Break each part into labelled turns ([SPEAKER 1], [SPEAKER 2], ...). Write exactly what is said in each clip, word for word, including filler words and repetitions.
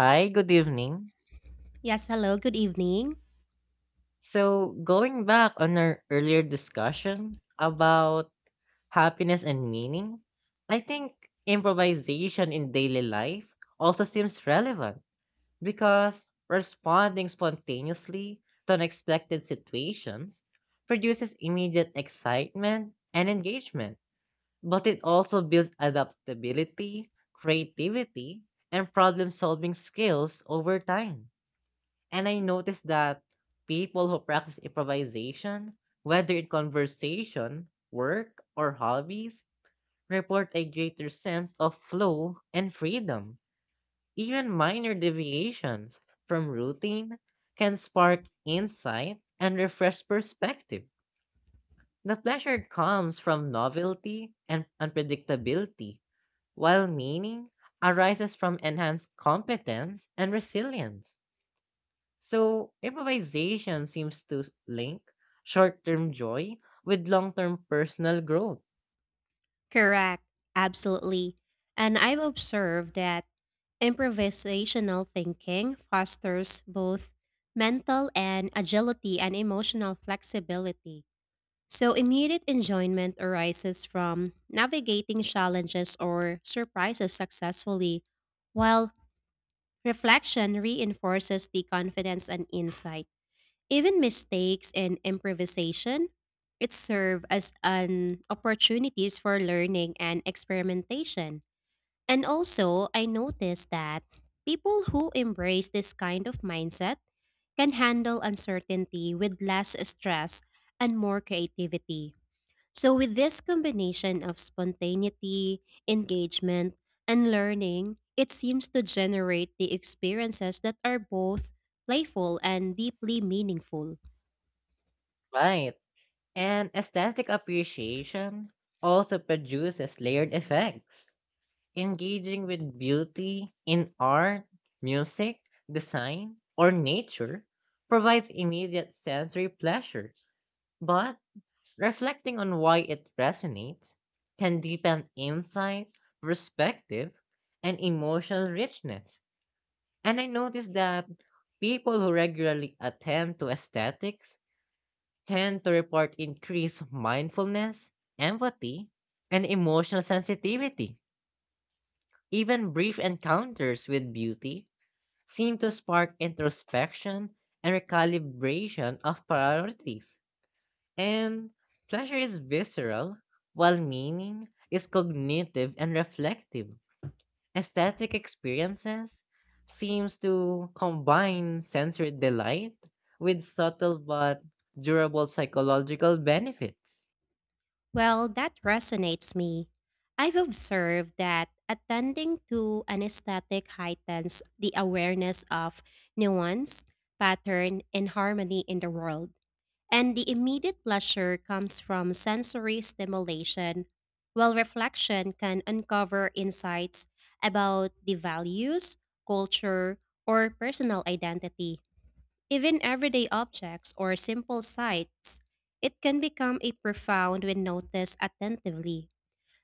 [SPEAKER 1] Hi, good evening.
[SPEAKER 2] Yes, hello, good evening.
[SPEAKER 1] So, going back on our earlier discussion about happiness and meaning, I think improvisation in daily life also seems relevant because responding spontaneously to unexpected situations produces immediate excitement and engagement, but it also builds adaptability, creativity, and problem solving skills over time. And I noticed that people who practice improvisation, whether in conversation, work, or hobbies, report a greater sense of flow and freedom. Even minor deviations from routine can spark insight and refresh perspective. The pleasure comes from novelty and unpredictability, while meaning arises from enhanced competence and resilience. So, improvisation seems to s- link short term joy with long term personal growth.
[SPEAKER 2] Correct, absolutely. And I've observed that improvisational thinking fosters both mental and agility and emotional flexibility. So, immediate enjoyment arises from navigating challenges or surprises successfully, while reflection reinforces the confidence and insight. Even mistakes and improvisation, it serve as an opportunities for learning and experimentation. And also, I noticed that people who embrace this kind of mindset can handle uncertainty with less stress and more creativity. So with this combination of spontaneity, engagement, and learning, it seems to generate the experiences that are both playful and deeply meaningful.
[SPEAKER 1] Right. And aesthetic appreciation also produces layered effects. Engaging with beauty in art, music, design, or nature provides immediate sensory pleasure, but reflecting on why it resonates can deepen insight, perspective, and emotional richness. And I noticed that people who regularly attend to aesthetics tend to report increased mindfulness, empathy, and emotional sensitivity. Even brief encounters with beauty seem to spark introspection and recalibration of priorities. And pleasure is visceral, while meaning is cognitive and reflective. Aesthetic experiences seems to combine sensory delight with subtle but durable psychological benefits.
[SPEAKER 2] Well, that resonates me. I've observed that attending to anesthetic heightens the awareness of nuance, pattern, and harmony in the world. And the immediate pleasure comes from sensory stimulation, while reflection can uncover insights about the values, culture, or personal identity. Even everyday objects or simple sights, it can become a profound when noticed attentively.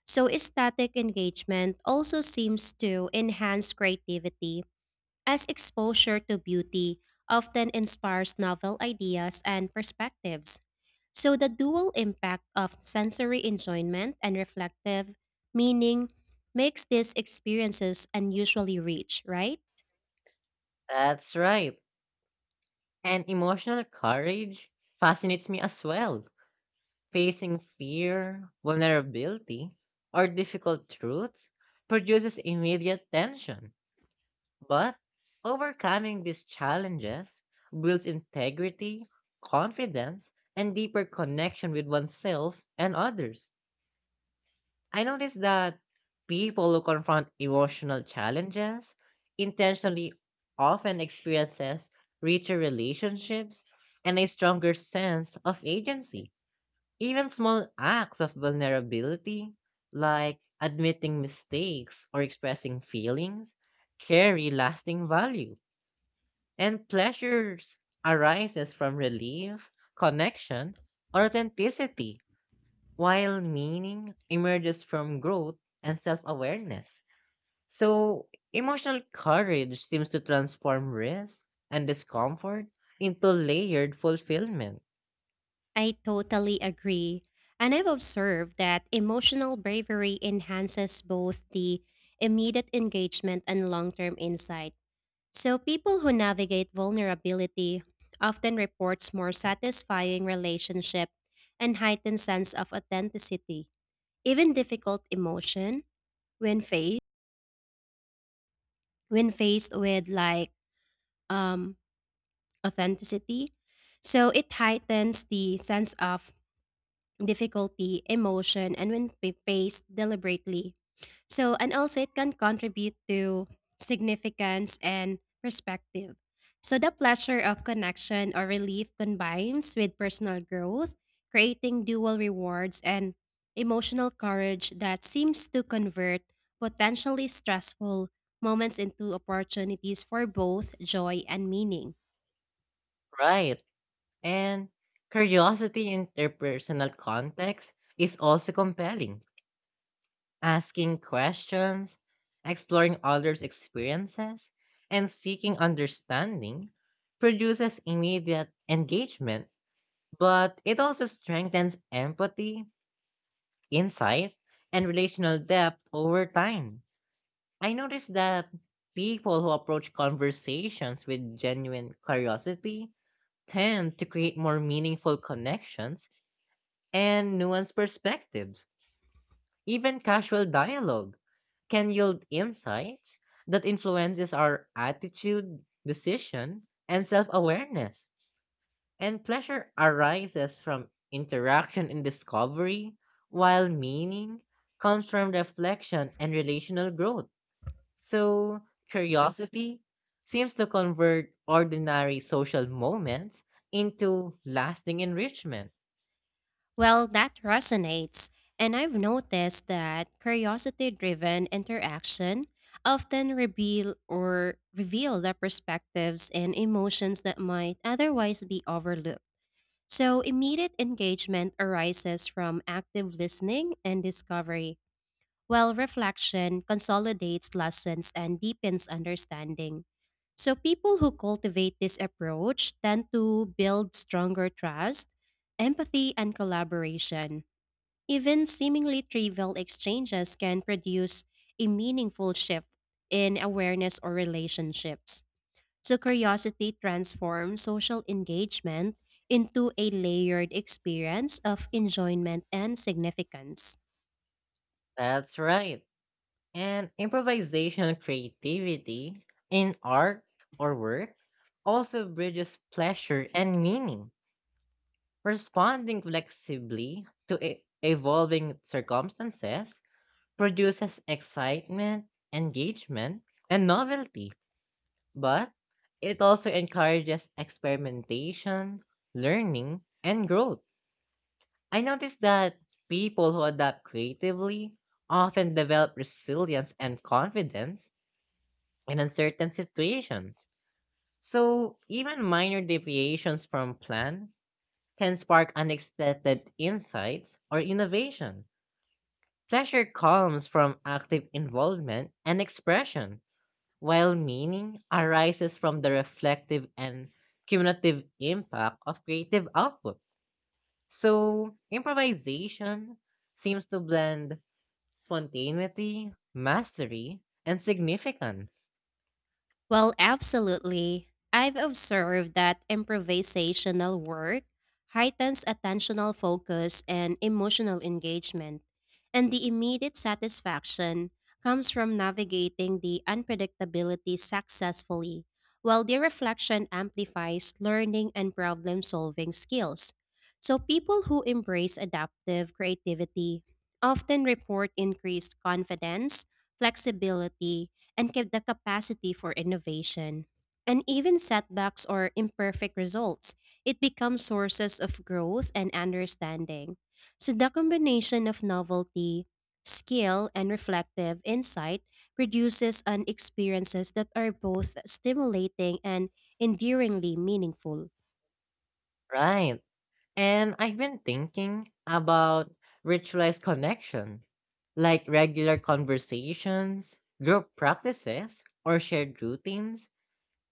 [SPEAKER 2] So static engagement also seems to enhance creativity as exposure to beauty often inspires novel ideas and perspectives. So the dual impact of sensory enjoyment and reflective meaning makes these experiences unusually rich, right?
[SPEAKER 1] That's right. And emotional courage fascinates me as well. Facing fear, vulnerability, or difficult truths produces immediate tension. But overcoming these challenges builds integrity, confidence, and deeper connection with oneself and others. I noticed that people who confront emotional challenges intentionally often experiences richer relationships and a stronger sense of agency. Even small acts of vulnerability, like admitting mistakes or expressing feelings, carry lasting value and pleasures arises from relief, connection, or authenticity, while meaning emerges from growth and self-awareness. So, emotional courage seems to transform risk and discomfort into layered fulfillment.
[SPEAKER 2] I totally agree. And I've observed that emotional bravery enhances both the immediate engagement and long term insight. So, people who navigate vulnerability often reports more satisfying relationship and heightened sense of authenticity. Even difficult emotion when faced when faced with like um authenticity. So it heightens the sense of difficulty, emotion, and when fa- faced deliberately. So, and also it can contribute to significance and perspective. So, the pleasure of connection or relief combines with personal growth, creating dual rewards and emotional courage that seems to convert potentially stressful moments into opportunities for both joy and meaning.
[SPEAKER 1] Right. And curiosity in interpersonal context is also compelling. Asking questions, exploring others' experiences, and seeking understanding produces immediate engagement, but it also strengthens empathy, insight, and relational depth over time. I noticed that people who approach conversations with genuine curiosity tend to create more meaningful connections and nuanced perspectives. Even casual dialogue can yield insights that influences our attitude, decision, and self-awareness. And pleasure arises from interaction and discovery, while meaning comes from reflection and relational growth. So, curiosity seems to convert ordinary social moments into lasting enrichment.
[SPEAKER 2] Well, that resonates. And I've noticed that curiosity driven interaction often reveal or reveal the perspectives and emotions that might otherwise be overlooked. So immediate engagement arises from active listening and discovery, while reflection consolidates lessons and deepens understanding. So people who cultivate this approach tend to build stronger trust, empathy, and collaboration. Even seemingly trivial exchanges can produce a meaningful shift in awareness or relationships. So, curiosity transforms social engagement into a layered experience of enjoyment and significance.
[SPEAKER 1] That's right. And improvisation and creativity in art or work also bridges pleasure and meaning. Responding flexibly to e- evolving circumstances produces excitement, engagement, and novelty, but it also encourages experimentation, learning, and growth. I noticed that people who adapt creatively often develop resilience and confidence in uncertain situations. So, even minor deviations from plan can spark unexpected insights or innovation. Pleasure comes from active involvement and expression, while meaning arises from the reflective and cumulative impact of creative output. So, improvisation seems to blend spontaneity, mastery, and significance.
[SPEAKER 2] Well, absolutely. I've observed that improvisational work heightens attentional focus and emotional engagement, and the immediate satisfaction comes from navigating the unpredictability successfully, while the reflection amplifies learning and problem solving skills. So, people who embrace adaptive creativity often report increased confidence, flexibility, and kept the capacity for innovation. And even setbacks or imperfect results, it becomes sources of growth and understanding. So the combination of novelty, skill, and reflective insight produces an experiences that are both stimulating and enduringly meaningful.
[SPEAKER 1] Right. And I've been thinking about ritualized connection, like regular conversations, group practices, or shared routines,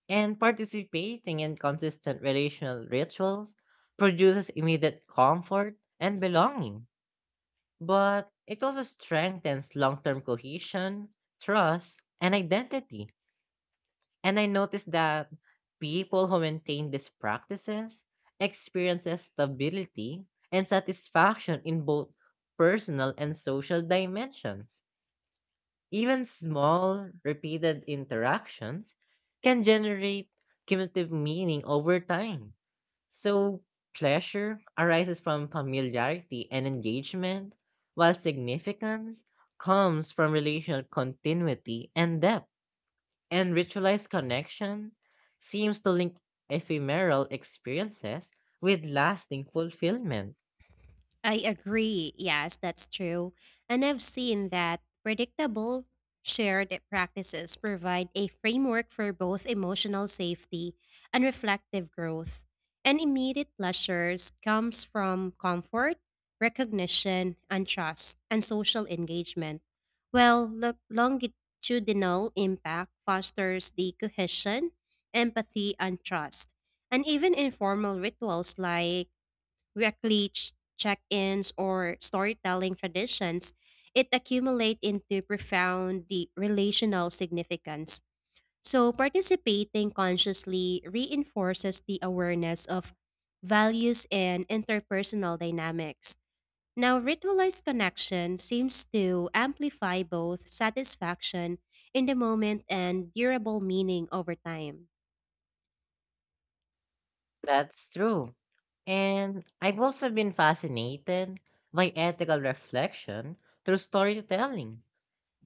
[SPEAKER 1] and participating in consistent relational rituals produces immediate comfort and belonging. But it also strengthens long term cohesion, trust, and identity. And I noticed that people who maintain these practices experiences stability and satisfaction in both personal and social dimensions. Even small, repeated interactions can generate cumulative meaning over time. So, pleasure arises from familiarity and engagement, while significance comes from relational continuity and depth. And ritualized connection seems to link ephemeral experiences with lasting fulfillment.
[SPEAKER 2] I agree. Yes, that's true. And I've seen that predictable shared practices provide a framework for both emotional safety and reflective growth. And immediate pleasures comes from comfort, recognition, and trust, and social engagement. Well, lo- longitudinal impact fosters the cohesion, empathy, and trust. And even informal rituals like weekly ch- check-ins or storytelling traditions, it accumulate into profound the relational significance. So participating consciously reinforces the awareness of values and interpersonal dynamics. Now, ritualized connection seems to amplify both satisfaction in the moment and durable meaning over time.
[SPEAKER 1] That's true. And I've also been fascinated by ethical reflection through storytelling,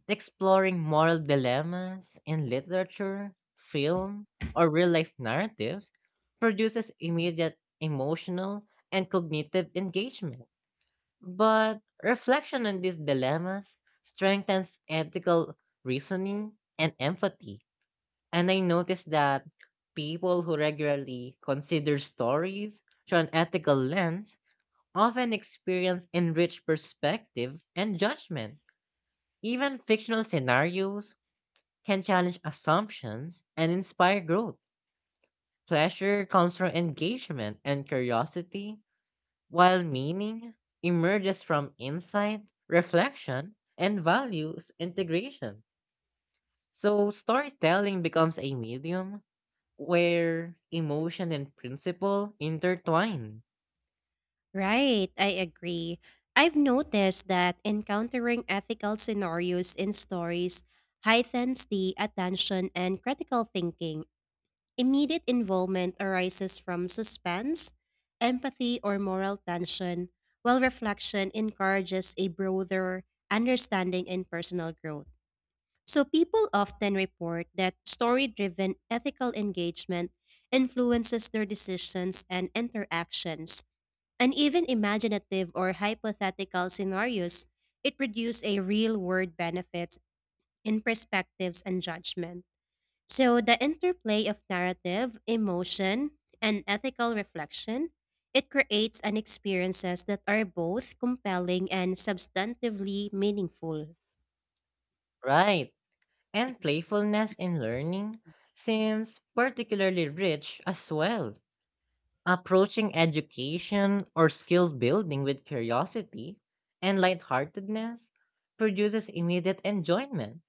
[SPEAKER 1] exploring moral dilemmas in literature, film, or real life narratives produces immediate emotional and cognitive engagement. But reflection on these dilemmas strengthens ethical reasoning and empathy. And I noticed that people who regularly consider stories through an ethical lens often experience enriched perspective and judgment. Even fictional scenarios can challenge assumptions and inspire growth. Pleasure comes from engagement and curiosity, while meaning emerges from insight, reflection, and values integration. So, storytelling becomes a medium where emotion and principle intertwine,
[SPEAKER 2] Right, I agree. I've noticed that encountering ethical scenarios in stories heightens the attention and critical thinking. Immediate involvement arises from suspense, empathy, or moral tension, while reflection encourages a broader understanding and personal growth. So, people often report that story driven ethical engagement influences their decisions and interactions and even imaginative or hypothetical scenarios, it produces a real world benefits in perspectives and judgment. So the interplay of narrative, emotion, and ethical reflection, it creates an experiences that are both compelling and substantively meaningful.
[SPEAKER 1] right? And playfulness in learning seems particularly rich as well. Approaching education or skill building with curiosity and lightheartedness produces immediate enjoyment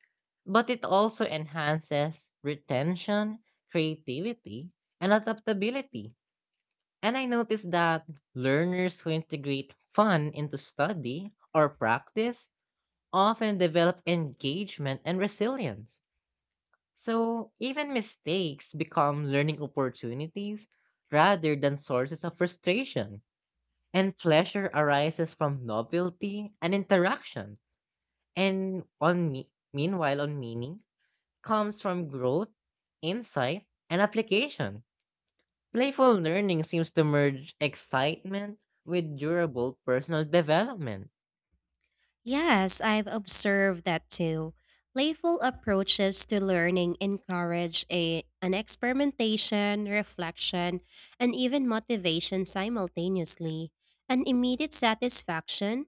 [SPEAKER 1] but it also enhances retention, creativity, and adaptability. And I noticed that learners who integrate fun into study or practice often develop engagement and resilience. So even mistakes become learning opportunities rather than sources of frustration. And pleasure arises from novelty and interaction. And on me- meanwhile, on meaning, comes from growth, insight, and application. Playful learning seems to merge excitement with durable personal development.
[SPEAKER 2] Yes, I've observed that too. Playful approaches to learning encourage a, an experimentation, reflection, and even motivation simultaneously, an immediate satisfaction,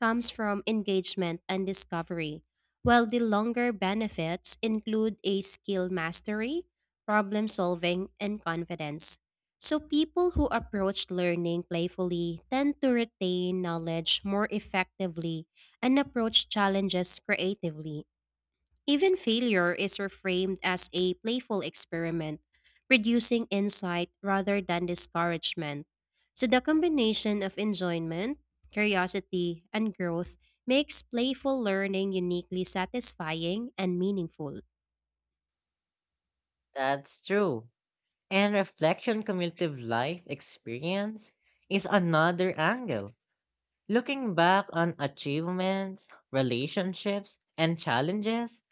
[SPEAKER 2] comes from engagement and discovery, while the longer benefits include a skill mastery, problem solving, and confidence. So, people who approach learning playfully tend to retain knowledge more effectively and approach challenges creatively. Even failure is reframed as a playful experiment, producing insight rather than discouragement. So the combination of enjoyment, curiosity, and growth makes playful learning uniquely satisfying and meaningful.
[SPEAKER 1] That's true. And reflection cumulative life experience is another angle. Looking back on achievements, relationships, and challenges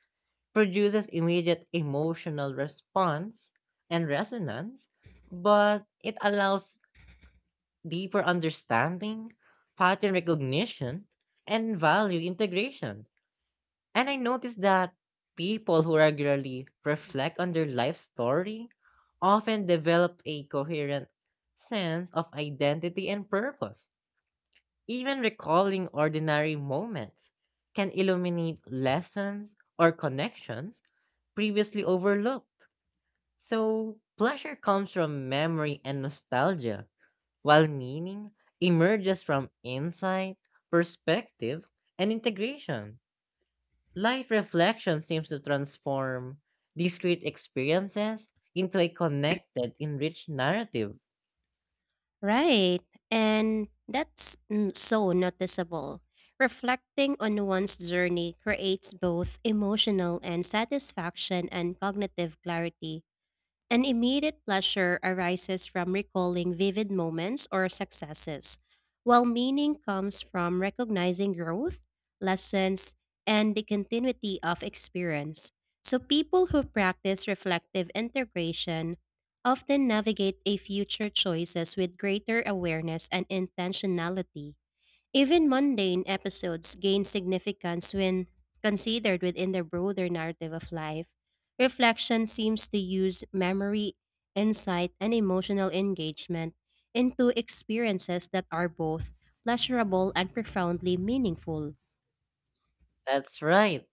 [SPEAKER 1] produces immediate emotional response and resonance, but it allows deeper understanding, pattern recognition, and value integration. And I noticed that people who regularly reflect on their life story often develop a coherent sense of identity and purpose. Even recalling ordinary moments can illuminate lessons or connections previously overlooked. So, pleasure comes from memory and nostalgia while meaning emerges from insight, perspective, and integration. Life reflection seems to transform discrete experiences into a connected, enriched narrative.
[SPEAKER 2] Right. And that's n- so noticeable. Reflecting on one's journey creates both emotional and satisfaction and cognitive clarity. An immediate pleasure arises from recalling vivid moments or successes, while meaning comes from recognizing growth, lessons, and the continuity of experience. So, people who practice reflective integration often navigate a future choices with greater awareness and intentionality. Even mundane episodes gain significance when considered within the broader narrative of life. Reflection seems to use memory, insight, and emotional engagement into experiences that are both pleasurable and profoundly meaningful.
[SPEAKER 1] That's right.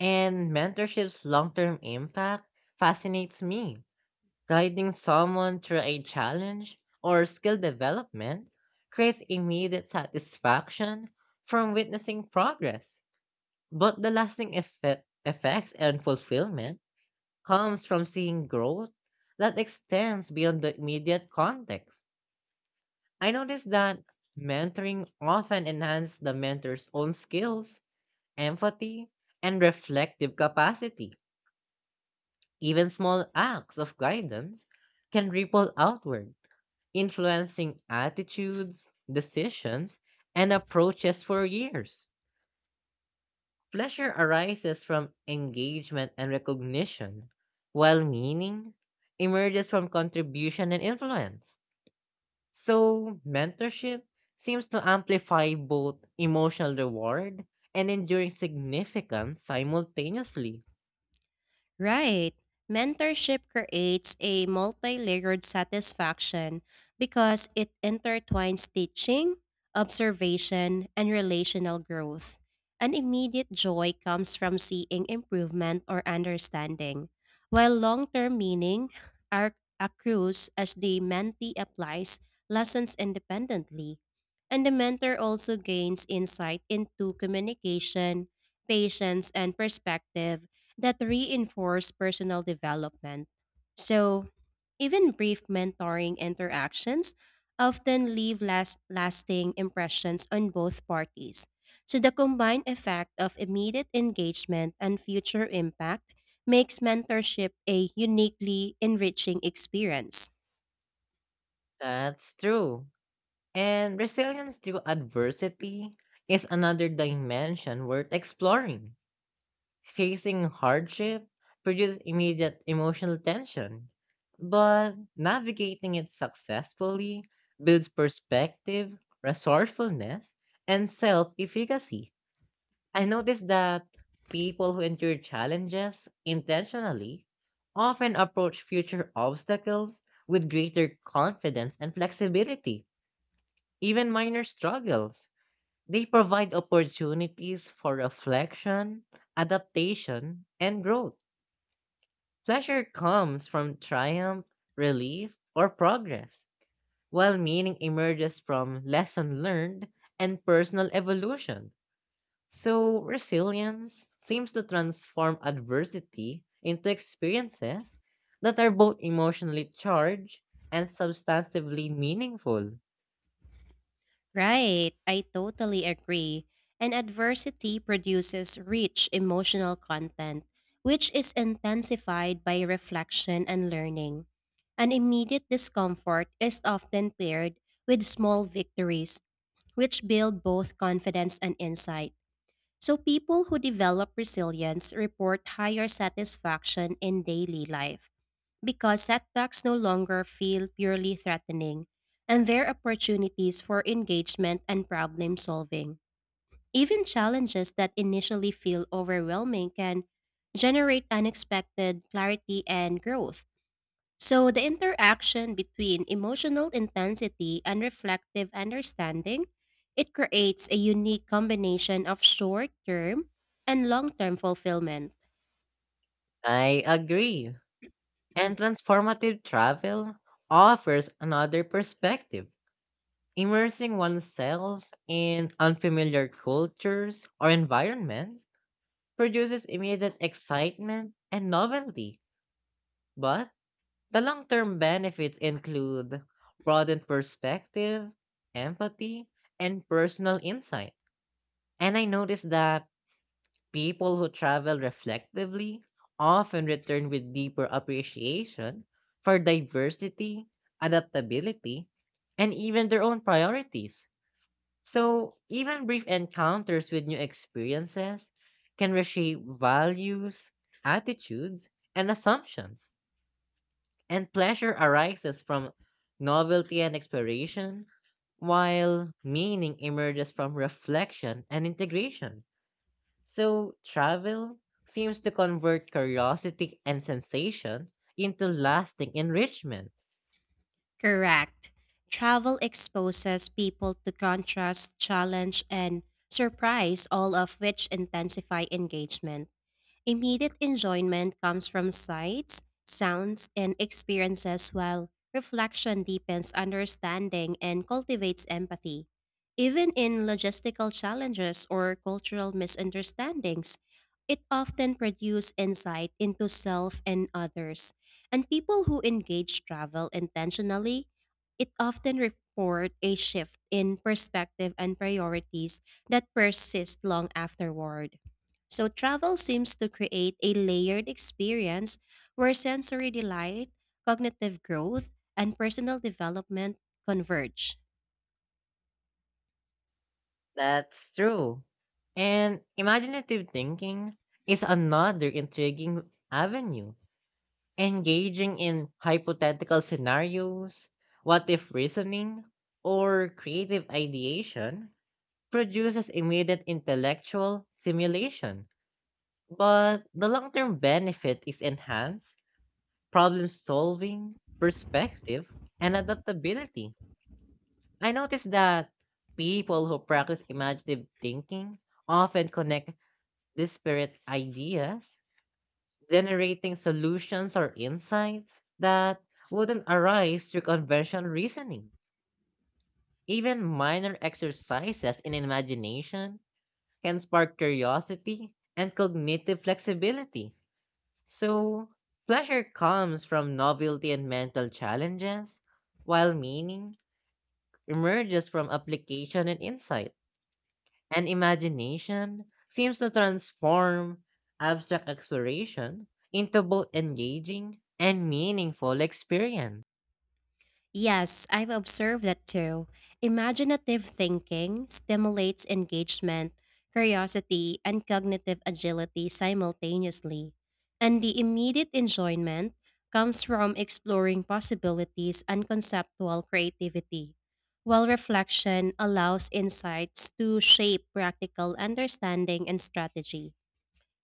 [SPEAKER 1] And mentorship's long term impact fascinates me. Guiding someone through a challenge or skill development creates immediate satisfaction from witnessing progress. But the lasting effe- effects and fulfillment comes from seeing growth that extends beyond the immediate context. I noticed that mentoring often enhances the mentor's own skills, empathy, and reflective capacity. Even small acts of guidance can ripple outward, influencing attitudes, decisions, and approaches for years. Pleasure arises from engagement and recognition, while meaning emerges from contribution and influence. So, mentorship seems to amplify both emotional reward and enduring significance simultaneously.
[SPEAKER 2] Right. Mentorship creates a multi layered satisfaction because it intertwines teaching, observation, and relational growth. An immediate joy comes from seeing improvement or understanding, while long term meaning are accrues as the mentee applies lessons independently. And the mentor also gains insight into communication, patience, and perspective that reinforce personal development. So, even brief mentoring interactions often leave last, lasting impressions on both parties. So, the combined effect of immediate engagement and future impact makes mentorship a uniquely enriching experience.
[SPEAKER 1] That's true. And resilience through adversity is another dimension worth exploring. Facing hardship produces immediate emotional tension, but navigating it successfully builds perspective, resourcefulness, and self efficacy. I noticed that people who endure challenges intentionally often approach future obstacles with greater confidence and flexibility, even minor struggles. They provide opportunities for reflection, adaptation, and growth. Pleasure comes from triumph, relief, or progress, while meaning emerges from lesson learned and personal evolution. So, resilience seems to transform adversity into experiences that are both emotionally charged and substantively meaningful.
[SPEAKER 2] Right, I totally agree. And adversity produces rich emotional content, which is intensified by reflection and learning. An immediate discomfort is often paired with small victories, which build both confidence and insight. So, people who develop resilience report higher satisfaction in daily life because setbacks no longer feel purely threatening and there are opportunities for engagement and problem solving. Even challenges that initially feel overwhelming can generate unexpected clarity and growth. So, the interaction between emotional intensity and reflective understanding, it creates a unique combination of short-term and long-term fulfillment.
[SPEAKER 1] I agree. And transformative travel offers another perspective. Immersing oneself in unfamiliar cultures or environments produces immediate excitement and novelty, but the long term benefits include broadened perspective, empathy, and personal insight. And I noticed that people who travel reflectively often return with deeper appreciation for diversity, adaptability, and even their own priorities. So, even brief encounters with new experiences can reshape values, attitudes, and assumptions. And pleasure arises from novelty and exploration, while meaning emerges from reflection and integration. So, travel seems to convert curiosity and sensation into lasting enrichment.
[SPEAKER 2] Correct. Travel exposes people to contrast, challenge, and surprise, all of which intensify engagement. Immediate enjoyment comes from sights, sounds, and experiences, while reflection deepens understanding and cultivates empathy. Even in logistical challenges or cultural misunderstandings, it often produces insight into self and others. And people who engage travel intentionally, it often report a shift in perspective and priorities that persist long afterward. So travel seems to create a layered experience where sensory delight, cognitive growth, and personal development converge.
[SPEAKER 1] That's true. And imaginative thinking is another intriguing avenue, engaging in hypothetical scenarios, what if reasoning, or creative ideation produces immediate intellectual stimulation. But the long term benefit is enhanced problem solving, perspective, and adaptability. I noticed that people who practice imaginative thinking often connect disparate ideas, generating solutions or insights that wouldn't arise through conventional reasoning. Even minor exercises in imagination can spark curiosity and cognitive flexibility. So, pleasure comes from novelty and mental challenges, while meaning emerges from application and insight. And imagination seems to transform abstract exploration into both engaging and meaningful experience.
[SPEAKER 2] Yes, I've observed that too. Imaginative thinking stimulates engagement, curiosity, and cognitive agility simultaneously. And the immediate enjoyment comes from exploring possibilities and conceptual creativity, while reflection allows insights to shape practical understanding and strategy.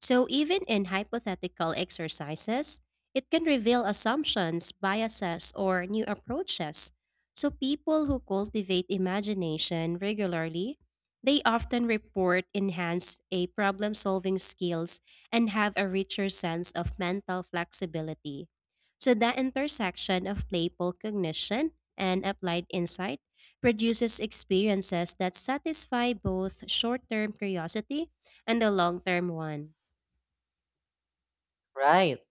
[SPEAKER 2] So, even in hypothetical exercises, it can reveal assumptions, biases, or new approaches. So, people who cultivate imagination regularly, they often report enhanced a problem-solving skills and have a richer sense of mental flexibility. So, the intersection of playful cognition and applied insight produces experiences that satisfy both short-term curiosity and the long-term one.
[SPEAKER 1] Right.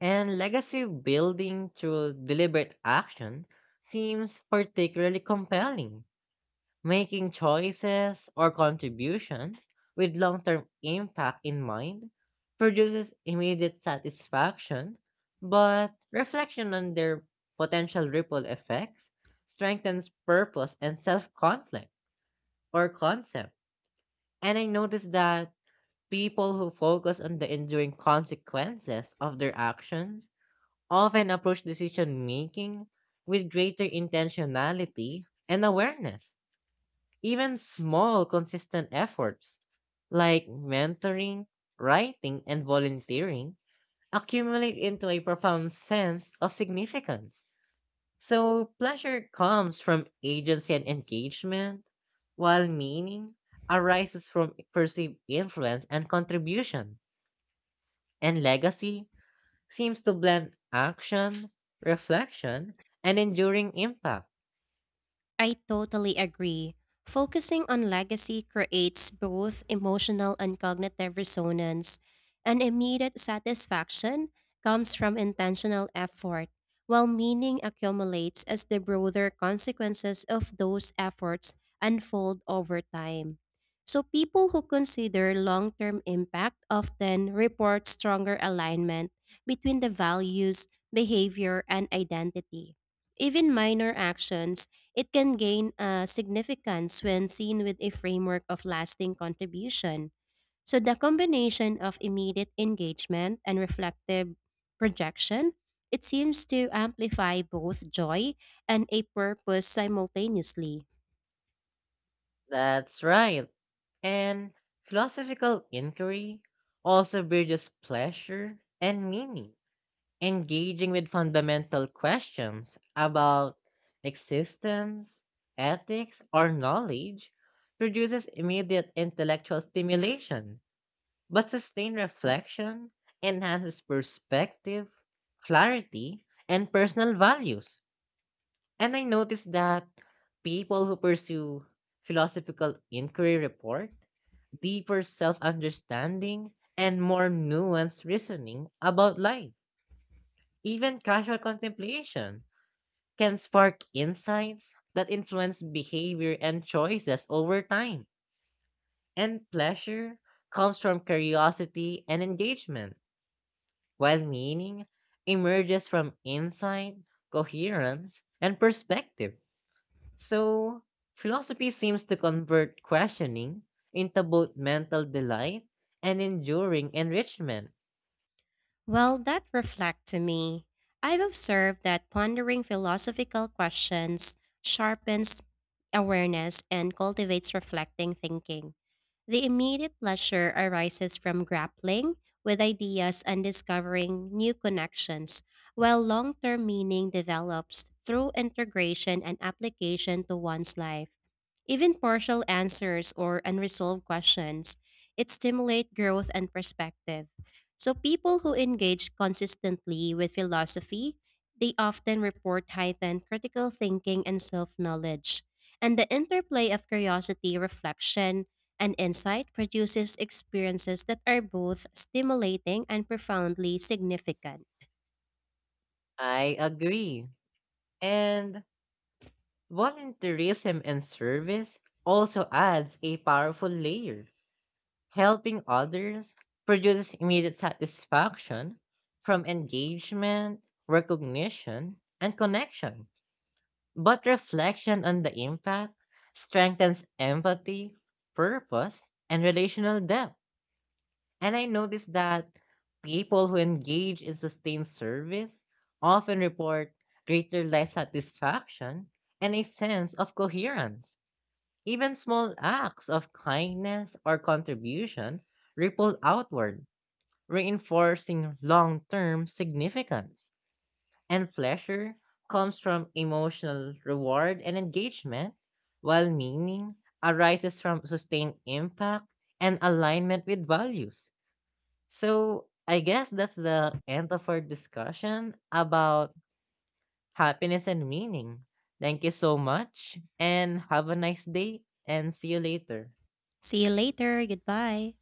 [SPEAKER 1] And legacy building through deliberate action seems particularly compelling. Making choices or contributions with long term impact in mind produces immediate satisfaction, but reflection on their potential ripple effects strengthens purpose and self conflict or concept. And I noticed that people who focus on the enduring consequences of their actions often approach decision making with greater intentionality and awareness even small, consistent efforts like mentoring, writing, and volunteering accumulate into a profound sense of significance. So, pleasure comes from agency and engagement, while meaning arises from perceived influence and contribution. And legacy seems to blend action, reflection, and enduring impact.
[SPEAKER 2] I totally agree. Focusing on legacy creates both emotional and cognitive resonance, and immediate satisfaction comes from intentional effort, while meaning accumulates as the broader consequences of those efforts unfold over time. So, people who consider long term impact often report stronger alignment between the values, behavior, and identity. Even minor actions it can gain uh, significance when seen with a framework of lasting contribution. So, the combination of immediate engagement and reflective projection, it seems to amplify both joy and a purpose simultaneously.
[SPEAKER 1] That's right. And philosophical inquiry also bridges pleasure and meaning, engaging with fundamental questions about existence, ethics, or knowledge. Produces immediate intellectual stimulation, but sustained reflection enhances perspective, clarity, and personal values. And I noticed that people who pursue philosophical inquiry report deeper self understanding and more nuanced reasoning about life. Even casual contemplation can spark insights that influence behavior and choices over time. And pleasure comes from curiosity and engagement, while meaning emerges from insight, coherence, and perspective. So, philosophy seems to convert questioning into both mental delight and enduring enrichment.
[SPEAKER 2] Well, that reflect to me. I've observed that pondering philosophical questions sharpens awareness and cultivates reflecting thinking. The immediate pleasure arises from grappling with ideas and discovering new connections, while long term meaning develops through integration and application to one's life. Even partial answers or unresolved questions, it stimulate growth and perspective. So people who engage consistently with philosophy, they often report heightened critical thinking and self-knowledge. And the interplay of curiosity, reflection, and insight produces experiences that are both stimulating and profoundly significant.
[SPEAKER 1] I agree. And volunteerism and service also adds a powerful layer. Helping others produces immediate satisfaction from engagement, recognition, and connection. But reflection on the impact strengthens empathy, purpose, and relational depth. And I noticed that people who engage in sustained service often report greater life satisfaction and a sense of coherence. Even small acts of kindness or contribution ripple outward, reinforcing long term significance. And pleasure comes from emotional reward and engagement, while meaning arises from sustained impact and alignment with values. So, I guess that's the end of our discussion about happiness and meaning. Thank you so much and have a nice day and see you later.
[SPEAKER 2] See you later. Goodbye.